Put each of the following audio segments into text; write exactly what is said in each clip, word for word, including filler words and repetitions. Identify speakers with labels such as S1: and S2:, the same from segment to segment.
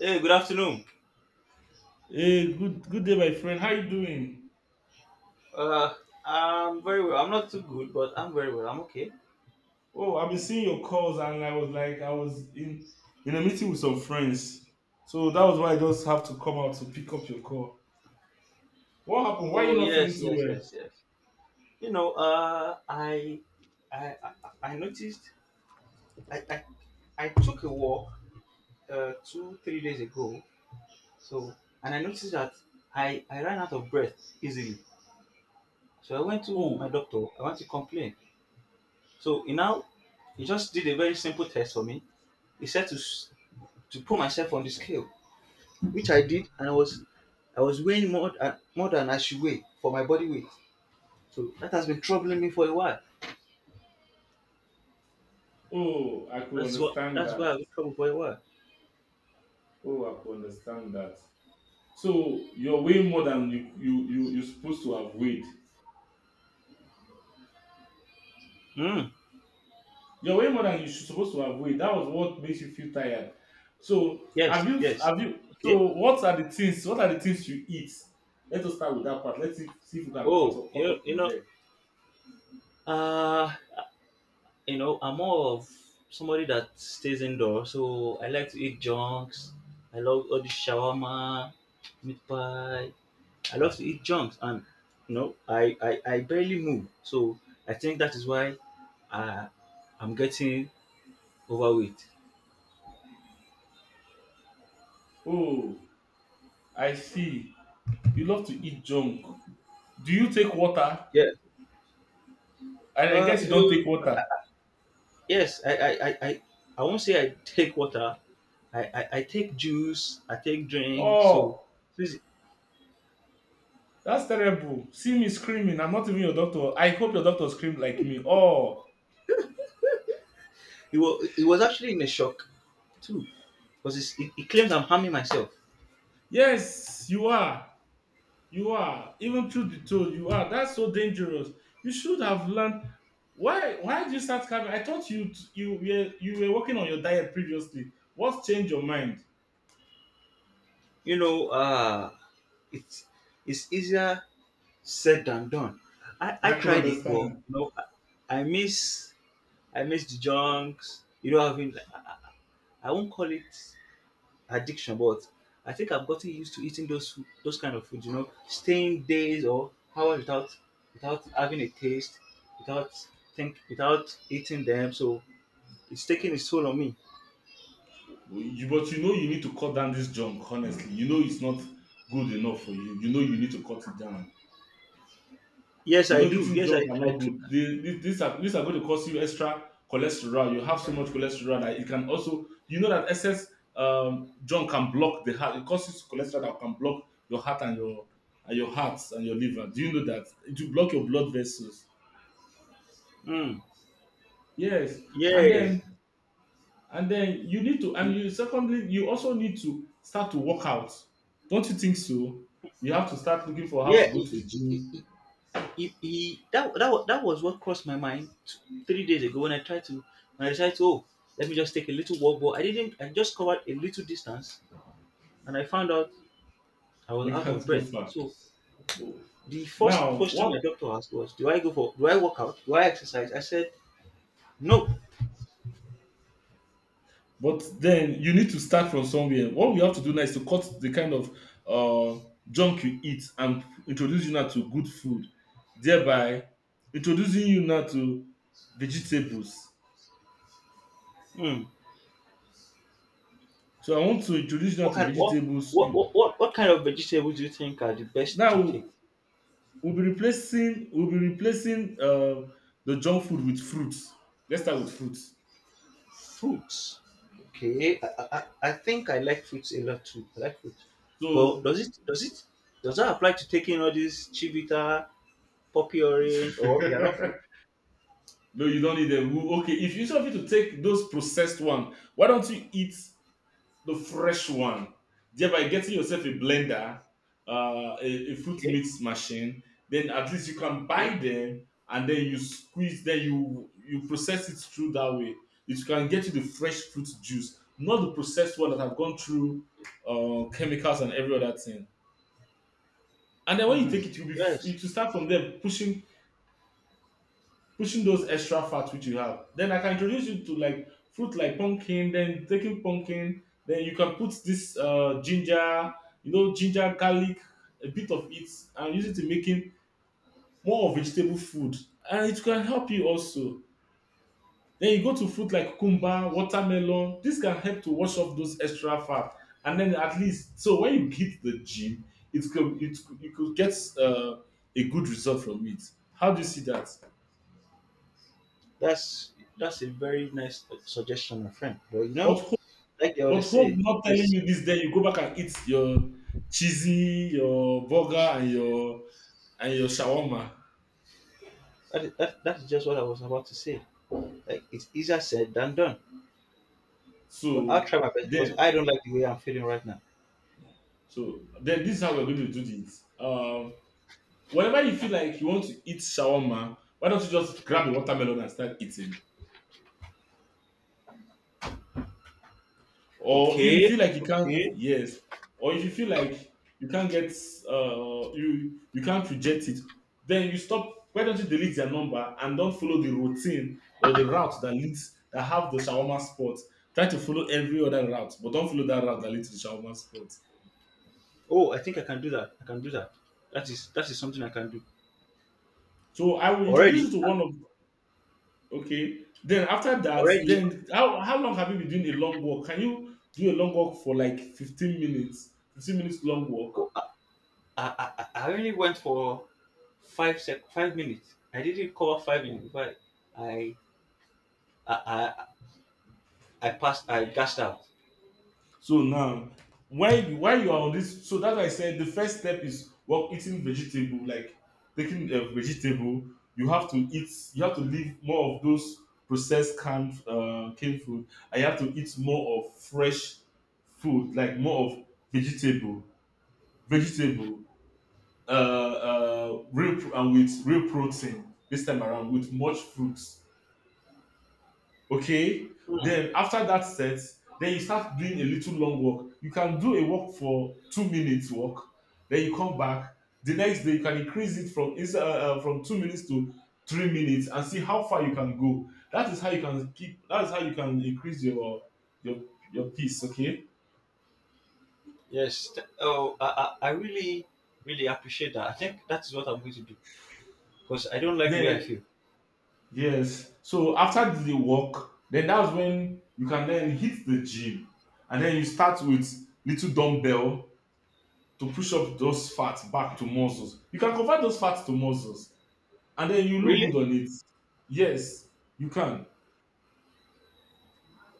S1: Hey, good afternoon.
S2: Hey, good good day, my friend. How you doing?
S1: Uh, I'm very well. I'm not too good, but I'm very well. I'm okay.
S2: Oh, I've been seeing your calls, and I was like, I was in in a meeting with some friends, so that was why I just have to come out to pick up your call. What happened? Why are you
S1: Oh
S2: not feeling
S1: yes,
S2: too
S1: yes,
S2: well?
S1: yes, yes. You know, uh, I, I, I, I noticed. I, I, I took a walk uh, two, three days ago. So, and I noticed that I, I ran out of breath easily. So I went to my
S2: Oh,
S1: doctor. I want to complain. So he now, he just did a very simple test for me. He said to s- to put myself on the scale, which I did, and I was I was weighing more than more than I should weigh for my body weight. So that has been troubling me for a while.
S2: oh, I could
S1: That's what
S2: understand
S1: that's why
S2: that.
S1: I've been troubled for a while.
S2: Oh, I could understand that. So you're weighing more than you you you you're supposed to have weighed.
S1: Hmm.
S2: You're way more than you're supposed to avoid. That was what makes you feel tired. So, have
S1: Yes,
S2: you
S1: yes.
S2: have you
S1: Okay.
S2: so what are the things what are the things you eat? Let us start with that part. Let's see, see if we can cut
S1: Oh,
S2: off cut
S1: you
S2: off
S1: you
S2: from
S1: know,
S2: there.
S1: uh, you know, I'm more of somebody that stays indoors, so I like to eat junks. I love all the shawarma, meat pie. I love to eat junks, and you know, I I, I barely move. So I think that is why I I'm getting overweight.
S2: Oh, I see. You love to eat junk. Do you take water?
S1: Yeah.
S2: I, I
S1: Uh,
S2: guess you don't take
S1: you-
S2: water.
S1: yes, I, I, I, I, I won't say I take water. I, I, I take juice. I take drink. So
S2: Oh,
S1: please,
S2: that's terrible. See me screaming. I'm not even your doctor. I hope your doctor screamed like me. Oh,
S1: it was, it was actually in a shock too, because it, it claims I'm harming myself.
S2: yes, you are. You are. Even truth be told, you are. That's so dangerous. You should have learned. Why? Why did you start carving? I thought you you were you were working on your diet previously. What's changed your mind?
S1: You know, uh, it's it's easier said than done. I, I
S2: I can
S1: tried it, but
S2: understand.
S1: no, I, I miss I miss the junks. You know, having I, I I won't call it addiction, but I think I've gotten used to eating those fo- those kind of food. You know, staying days or hours without without having a taste, without think without eating them. So it's taking its toll on me.
S2: You, but you know you need to cut down this junk. Honestly, you know it's not good enough for you. You know you need to cut it down.
S1: Yes,
S2: You
S1: I
S2: know,
S1: do.
S2: eating
S1: Yes,
S2: junk
S1: I
S2: are
S1: I.
S2: not
S1: tr-
S2: good. They, these, these are these are going to cause you extra cholesterol. You have so much cholesterol that it can also, you know, that excess um, junk can block the heart. It causes cholesterol that can block your heart and your and your hearts and your liver. Do you know that it will block your blood vessels?
S1: Mm,
S2: Yes, and
S1: yeah,
S2: then and then you need to, and you secondly you also need to start to work out. Don't you think so? You have to start looking for how
S1: yeah.
S2: to go
S1: He,
S2: to the
S1: he, he,
S2: gym.
S1: he, he, he- that, that wa- that was what crossed my mind t- three days ago when I tried to when I decided to, oh, let me just take a little walk, but I didn't. I just covered a little distance and I found out I was
S2: You
S1: out of
S2: can't go
S1: breath.
S2: far.
S1: So the first
S2: Now,
S1: question
S2: what
S1: my doctor asked was, "Do I go for? Do I work out? Do I exercise?" I said, "No."
S2: But then you need to start from somewhere. What we have to do now is to cut the kind of uh, junk you eat and introduce you now to good food, thereby introducing you now to vegetables.
S1: Hmm.
S2: So I want to introduce you now
S1: What
S2: to
S1: kind? What,
S2: vegetables.
S1: what
S2: You-
S1: what what what kind of vegetables do you think are the best to
S2: Now
S1: take?
S2: we'll be replacing we'll be replacing uh, the junk food with fruits. Let's start with fruits.
S1: Fruits. Okay. I, I, I I think I like fruits a lot too. I like fruits. But
S2: So
S1: does it does it does that apply to taking all these chivita, poppy orange, or they are not fruit?
S2: no, you don't need them. Who- Okay, if you of you to take those processed one, why don't you eat the fresh one, thereby getting yourself a blender, uh, a, a fruit
S1: Okay.
S2: mix machine. Then at least you can
S1: Okay.
S2: buy them, and then you squeeze, then you you process it through that way. It can get you the fresh fruit juice, not the processed one that have gone through uh, chemicals and every other thing. And then when you
S1: Hmm.
S2: take it, you'll be
S1: Yes.
S2: it will start from there pushing pushing those extra fats which you have. Then I can introduce you to like fruit like pumpkin, then taking pumpkin, then you can put this uh, ginger, you know, ginger, garlic, a bit of it, and use it in making more of vegetable food. And it can help you also. Then you go to fruit like cucumber, watermelon. This can help to wash off those extra fat. And then at least, so when you hit the gym, it could, it, could- you could get uh, a good result from it. How do you see that?
S1: That's that's a very nice suggestion, my friend. But you know,
S2: What
S1: like they
S2: But
S1: always
S2: hope
S1: say,
S2: not telling
S1: is
S2: you this day, you go back and eat your cheesy, your burger, and your and your shawarma.
S1: that is, that, that is just what I was about to say. Like it's easier said than done. But I'll
S2: So
S1: try my best because
S2: then,
S1: I don't like the way I'm feeling right now.
S2: so then this is how we're going to do this. Um, whenever you feel like you want to eat shawarma, why don't you just grab a watermelon and start eating? Or if you feel
S1: Okay,
S2: like you can't,
S1: okay.
S2: yes. Or if you feel like you can't get uh you you can't reject it, then you stop why don't you delete their number and don't follow the routine or the route that leads that have the shawarma spot. Try to follow every other route but don't follow that route that leads to the shawarma spot.
S1: Oh, I think I can do that. I can do that. That is that is something I can do.
S2: So I will introduce you
S1: Already,
S2: to
S1: uh,
S2: one of. Okay, then after that,
S1: already.
S2: then how, how long have you been doing a long walk? Can you do a long walk for like fifteen minutes, fifteen minutes long
S1: Oh,
S2: walk?
S1: I, I, I I only went for five sec, five minutes. I didn't cover five minutes. But I I I, I passed. I gassed out.
S2: So now, when you, while you are on this, so that's why I said the first step is well eating vegetable, like taking a vegetable. You have to eat. You have to leave more of those processed canned uh, canned food. I have to eat more of fresh food, like more of vegetable, vegetable, uh, uh, real pro- and with real protein this time around with much fruits, okay.
S1: Hmm.
S2: Then after that set, then you start doing a little long walk, you can do a walk for two minutes walk. Then you come back. The next day you can increase it from ins- uh, uh, from two minutes to three minutes and see how far you can go. That is how you can keep that is how you can increase your your your pace, okay.
S1: Yes. th- Oh, I, I I really really appreciate that. I think that is what I'm going to do because I don't like the way I
S2: Then
S1: feel.
S2: yes, so after the walk, then that's when you can then hit the gym, and then you start with little dumbbell to push up those fats back to muscles. You can convert those fats to muscles, and then you look
S1: Really?
S2: good on it. Yes, you can.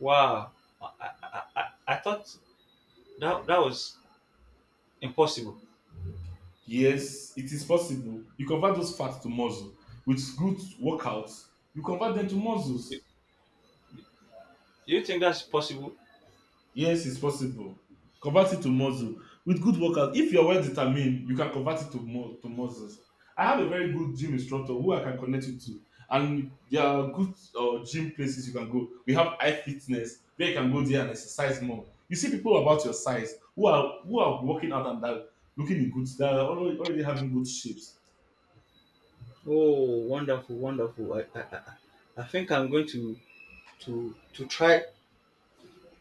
S1: Wow. I, I, I, I thought that that was impossible.
S2: Yes, it is possible. You convert those fats to muscle with good workouts. You convert them to
S1: You,
S2: muscles.
S1: you think that's possible?
S2: Yes, it's possible. Convert it to muscle. With good workers, if you're well determined, you can convert it to mu- to muscles. I have a very good gym instructor who I can connect you to, and there are good uh, gym places you can go. We have iFitness where you can go there and exercise more. You see people about your size who are who are working out, and that looking in good. They are already, already having good shapes.
S1: Oh, wonderful, wonderful. I, I, I I think I'm going to to to try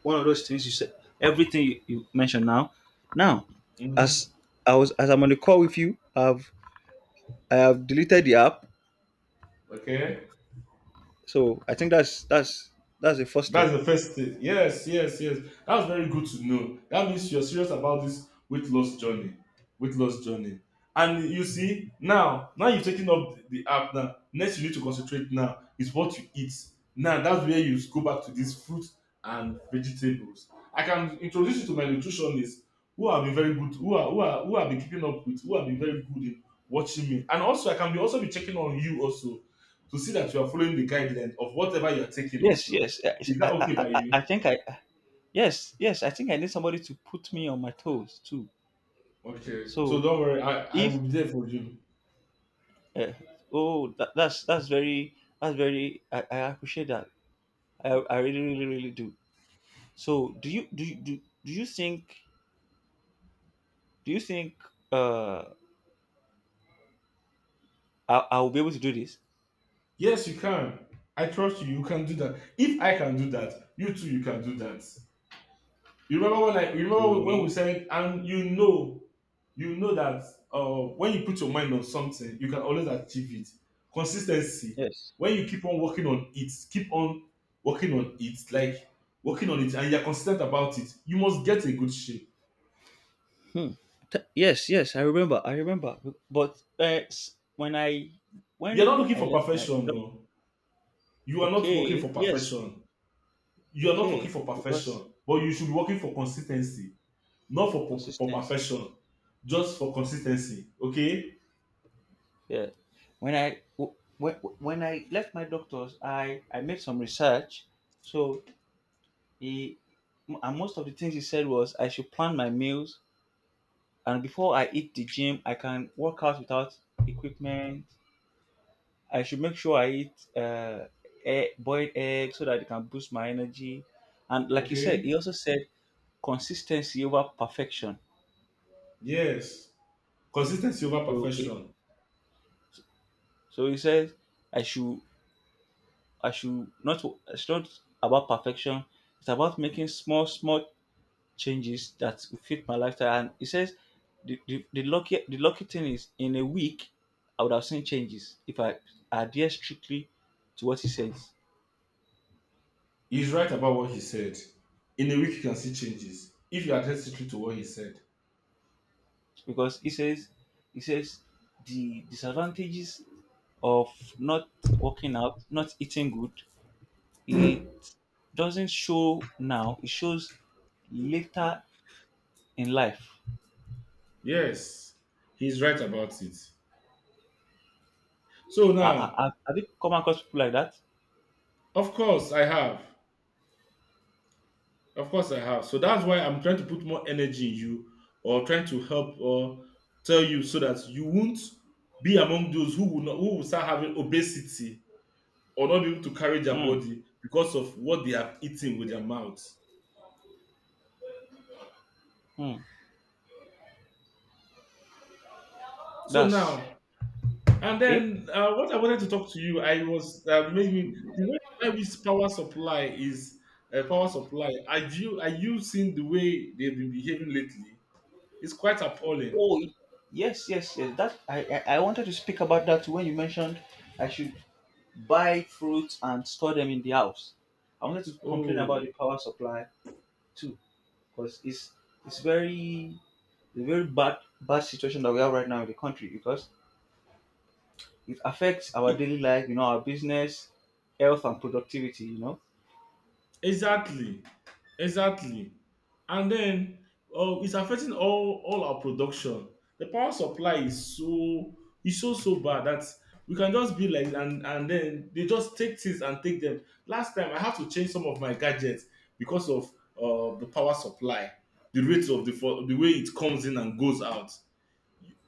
S1: one of those things you said. Everything you, you mentioned now. Now,
S2: Hmm.
S1: as I was as I'm on the call with you, I've I have deleted the app.
S2: Okay.
S1: So I think that's that's that's the first
S2: That's
S1: step.
S2: the first thing. Yes, yes, yes. That's very good to know. That means you're serious about this weight loss journey. Weight loss journey. And you see, now, now you've taken up the the app now. Next, you need to concentrate now is what you eat. Now, that's where you go back to these fruit and vegetables. I can introduce you to my nutritionist who have been very good, who are who are who have been keeping up with, who have been very good in watching me. And also I can be also be checking on you also, to see that you are following the guidelines of whatever you are taking
S1: Yes,
S2: also.
S1: yes. I,
S2: Is that
S1: I,
S2: okay
S1: I,
S2: by
S1: I
S2: you?
S1: I think I yes, yes. I think I need somebody to put me on my toes too.
S2: Okay. So
S1: So
S2: don't worry, I, I
S1: if
S2: will be there for you.
S1: uh, oh that, that's that's very that's very, I, I appreciate that, I, I really really really do. So do you do you do, do you think do you think uh I, I will be able to do this?
S2: Yes, you can. I trust you. You can do that. If I can do that, you too you can do that. You remember when I you remember when we
S1: Okay.
S2: said, and you know you know that uh when you put your mind on something, you can always achieve it. Consistency.
S1: Yes.
S2: When you keep on working on it, keep on working on it, like working on it, and you're consistent about it, you must get a good shape.
S1: Hmm. Th- yes, yes I remember, I remember but uh, s- when I
S2: You're not
S1: when
S2: looking
S1: I
S2: for
S1: left my
S2: perfection,
S1: no,
S2: no. You are not working
S1: okay,
S2: for
S1: yes,
S2: perfection, you are not working
S1: okay
S2: for
S1: because
S2: perfection, but you should be working for consistency, not for for, for
S1: consistency.
S2: perfection, just for consistency, okay.
S1: Yeah. when I when, when I left my doctors, I I made some research. So he and most of the things he said was I should plan my meals and before I eat the gym, I can work out without equipment. I should make sure I eat uh, egg, boiled eggs so that it can boost my energy. And like you said,
S2: Okay,
S1: he also said consistency over perfection.
S2: yes, consistency over
S1: So it-
S2: perfection.
S1: so he says I should I should not, it's not about perfection. It's about making small, small changes that will fit my lifestyle. And he says the, the, the lucky the lucky thing is in a week I would have seen changes if I adhere strictly to what he says.
S2: He's right about what he said. In a week you can see changes if you adhere strictly to what he said.
S1: Because he says he says the disadvantages of not working out, not eating good, it doesn't show now. It shows later in life.
S2: Yes, he's right about it. So
S1: I,
S2: now,
S1: I, I- have you come across people like that?
S2: of course I have. Of course, I have. So that's why I'm trying to put more energy in you, or trying to help or tell you, so that you won't be among those who will not who will start having obesity or not be able to carry their
S1: Mm,
S2: body because of what they have eaten with their mouths.
S1: mm.
S2: So
S1: That's
S2: now, and
S1: okay.
S2: then uh, what I wanted to talk to you, I was uh, made me the way why which power supply is uh, power supply. Are you are you seeing the way they've been behaving lately? It's quite appalling.
S1: Oh, y- yes, yes, yes. That I, I I wanted to speak about that when you mentioned I should buy fruits and store them in the house. I wanted to complain about the
S2: Oh,
S1: power supply too, because it's it's very the very bad bad situation that we have right now in the country because it affects our daily life, you know, our business, health, and productivity. You know,
S2: exactly, exactly. And then uh, it's affecting all all our production. The power supply is so is so so bad that we can just be like, and and then they just take things and take them. Last time I had to change some of my gadgets because of uh, the power supply, the rate of the fo- the way it comes in and goes out.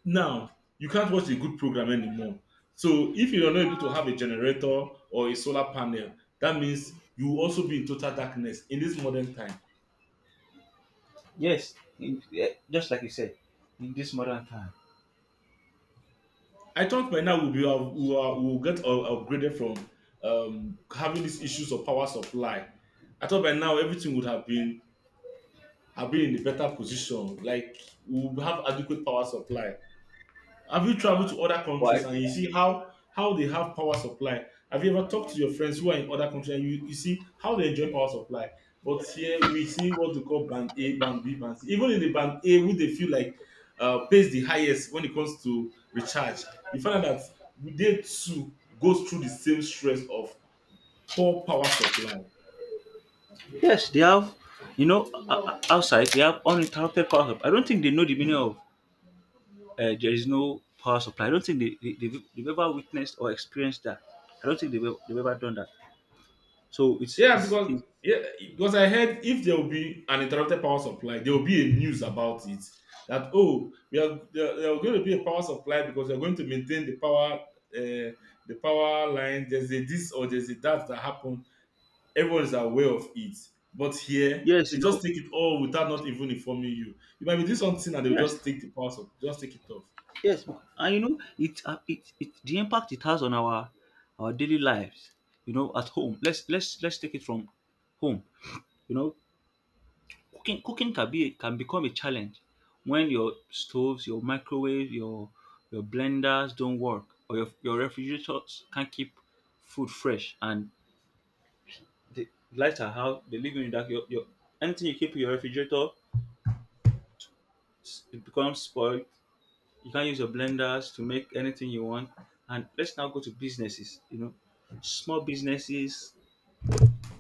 S2: Now, you can't watch a good program anymore. So if you're not able to have a generator or a solar panel, that means you will also be in total darkness in this modern time.
S1: yes, in, yeah, just like you said, in this modern time.
S2: I thought by now we'll be up- we are- we will we'll get up- upgraded from um, having these issues of power supply. I thought by now everything would have been have been in a better position, like we'll have adequate power supply. Have you traveled to other countries
S1: Why?
S2: and you see how how they have power supply? Have you ever talked to your friends who are in other countries and you, you see how they enjoy power supply? But here we see what they call band A, band B, band C. Even in the band A, who they feel like uh, pays the highest when it comes to recharge, you find out that they too goes through the same stress of poor power supply.
S1: Yes, they have, you know, o- o- outside they have uninterrupted power supply. I don't think they know the meaning of uh, there is no power supply. I don't think they, they, they've, they've ever witnessed or experienced that. I don't think they've, ev- they've ever done that. So it's,
S2: Yeah,
S1: it's,
S2: because
S1: it's
S2: yeah, because I heard if there will be an interrupted power supply, there will be a news about it, that oh, we are there, there are going to be a power supply because we are going to maintain the power uh, the power line. There's a this or there's a that that happened. Everyone is aware of it, but here
S1: yes,
S2: they
S1: you
S2: just
S1: know,
S2: take it all without not even informing you. You might be doing something and they will
S1: yes,
S2: just take the power supply, just take it off.
S1: yes. bec- And you know, it, uh, it, it, the impact it has on our, our daily lives, you know, at home. Let's, let's, let's take it from home. You know, Cooking cooking can be can become a challenge when your stoves, your microwave, your your blenders don't work or your your refrigerators can't keep food fresh and the lights are out, the living you in dark. Your, your anything you keep in your refrigerator s- it becomes spoiled. You can't use your blenders to make anything you want. And let's now go to businesses, you know. Small businesses,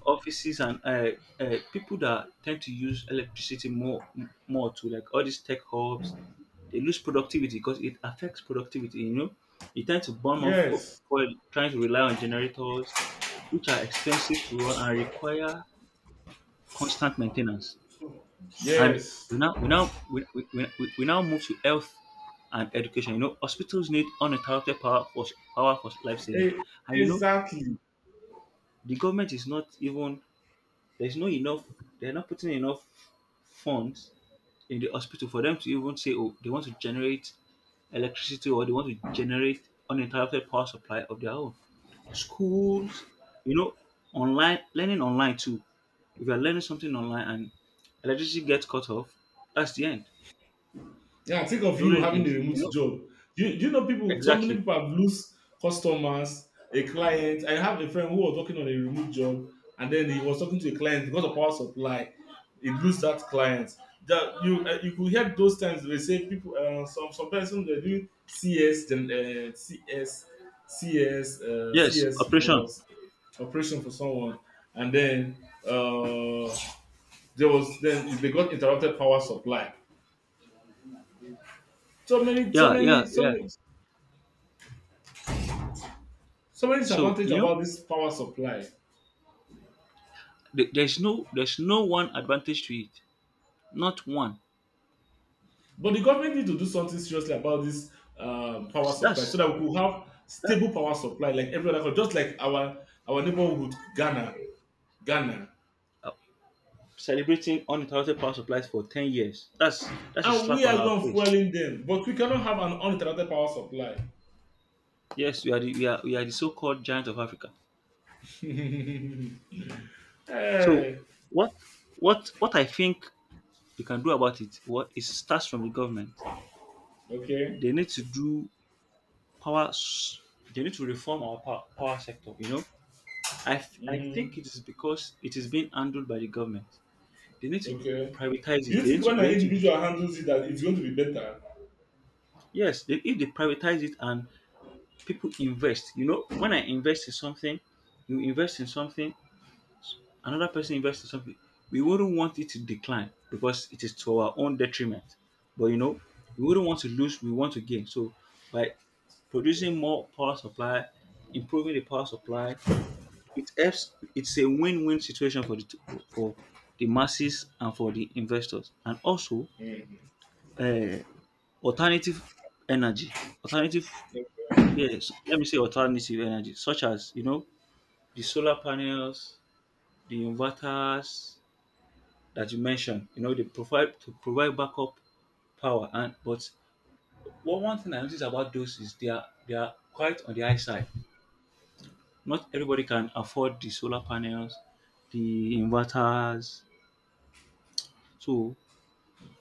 S1: offices, and uh, uh, people that tend to use electricity more more to like all these tech hubs, they lose productivity because it affects productivity, you know, you tend to burn more fo-
S2: Yes,
S1: fuel trying to rely on generators which are expensive to run and require constant maintenance, and
S2: yes.
S1: we now we now we, we, we, we now move to health and education. You know, hospitals need uninterrupted power for power for life saving,
S2: Eh,
S1: and you know,
S2: exactly.
S1: the government is not even there's no enough. They're not putting enough funds in the hospital for them to even say, oh, they want to generate electricity or they want to generate uninterrupted power supply of their own. Schools, you know, online learning online too. If you're learning something online and electricity gets cut off, that's the end.
S2: Yeah, think of you
S1: During
S2: having the
S1: ex-
S2: remote
S1: you know
S2: job. Do You do you know people, so many
S1: exactly,
S2: people have lose customers, a client. I have a friend who was working on a remote job, and then he was talking to a client, because of power supply, he lose that client. That you uh, you could hear those times, they say people uh, some some person, they do CS, then uh, CS CS uh,
S1: yes,
S2: CS
S1: operation,
S2: for operation for someone, and then uh there was then they got interrupted power supply. so many so
S1: yeah, yeah
S2: many so
S1: yeah.
S2: many so many
S1: So
S2: disadvantages
S1: you know,
S2: about this power supply.
S1: th- there's no there's no one advantage to it, not one.
S2: But the government need to do something seriously about this um, power
S1: So
S2: supply, so
S1: That's
S2: that we could have
S1: that
S2: stable power supply like every other country, just like our our neighborhood Ghana, Ghana.
S1: uh, celebrating uninterrupted power supplies for ten years. That's that's a
S2: And we
S1: slap on
S2: are the
S1: our
S2: one
S1: face.
S2: fueling them, but we cannot have an uninterrupted power supply.
S1: Yes, we are the, we are we are the so-called giant of Africa. So
S2: Hey,
S1: what what what I think we can do about it, what it starts from the government.
S2: okay,
S1: They need to do power s- they need to reform our power, power sector, you know. I, f- I
S2: mm-hmm.
S1: think it is because it is being handled by the government. They need to
S2: Okay.
S1: privatize
S2: Do
S1: it.
S2: you
S1: They need
S2: think
S1: to,
S2: when
S1: they
S2: an
S1: need to
S2: individual handles it that it's going to be better?
S1: yes, they, if they privatize it and people invest. You know, when I invest in something, you invest in something, another person invests in something. We wouldn't want it to decline because it is to our own detriment. But you know, we wouldn't want to lose, we want to gain. So by producing more power supply, improving the power supply, it helps, it's a win-win situation for the t- for the masses and for the investors. And also uh, alternative energy. Alternative yes, let me say alternative energy, such as you know the solar panels, the inverters that you mentioned, you know, they provide to provide backup power. And but one one thing I notice about those is they are they are quite on the high side. Not everybody can afford the solar panels, the inverters. So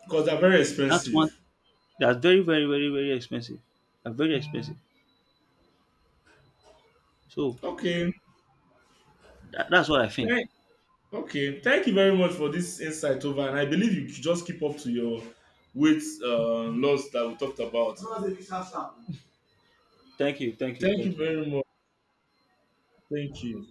S2: Because they're very
S1: that's one
S2: expensive.
S1: that's very very very very expensive. They're very expensive. So
S2: Okay.
S1: that, that's what I think.
S2: Thank, Okay, thank you very much for this insight over, and I believe you should just keep up to your weight uh, loss that we talked about.
S1: Thank you, thank you,
S2: Thank you
S1: thank you.
S2: very much. Thank you.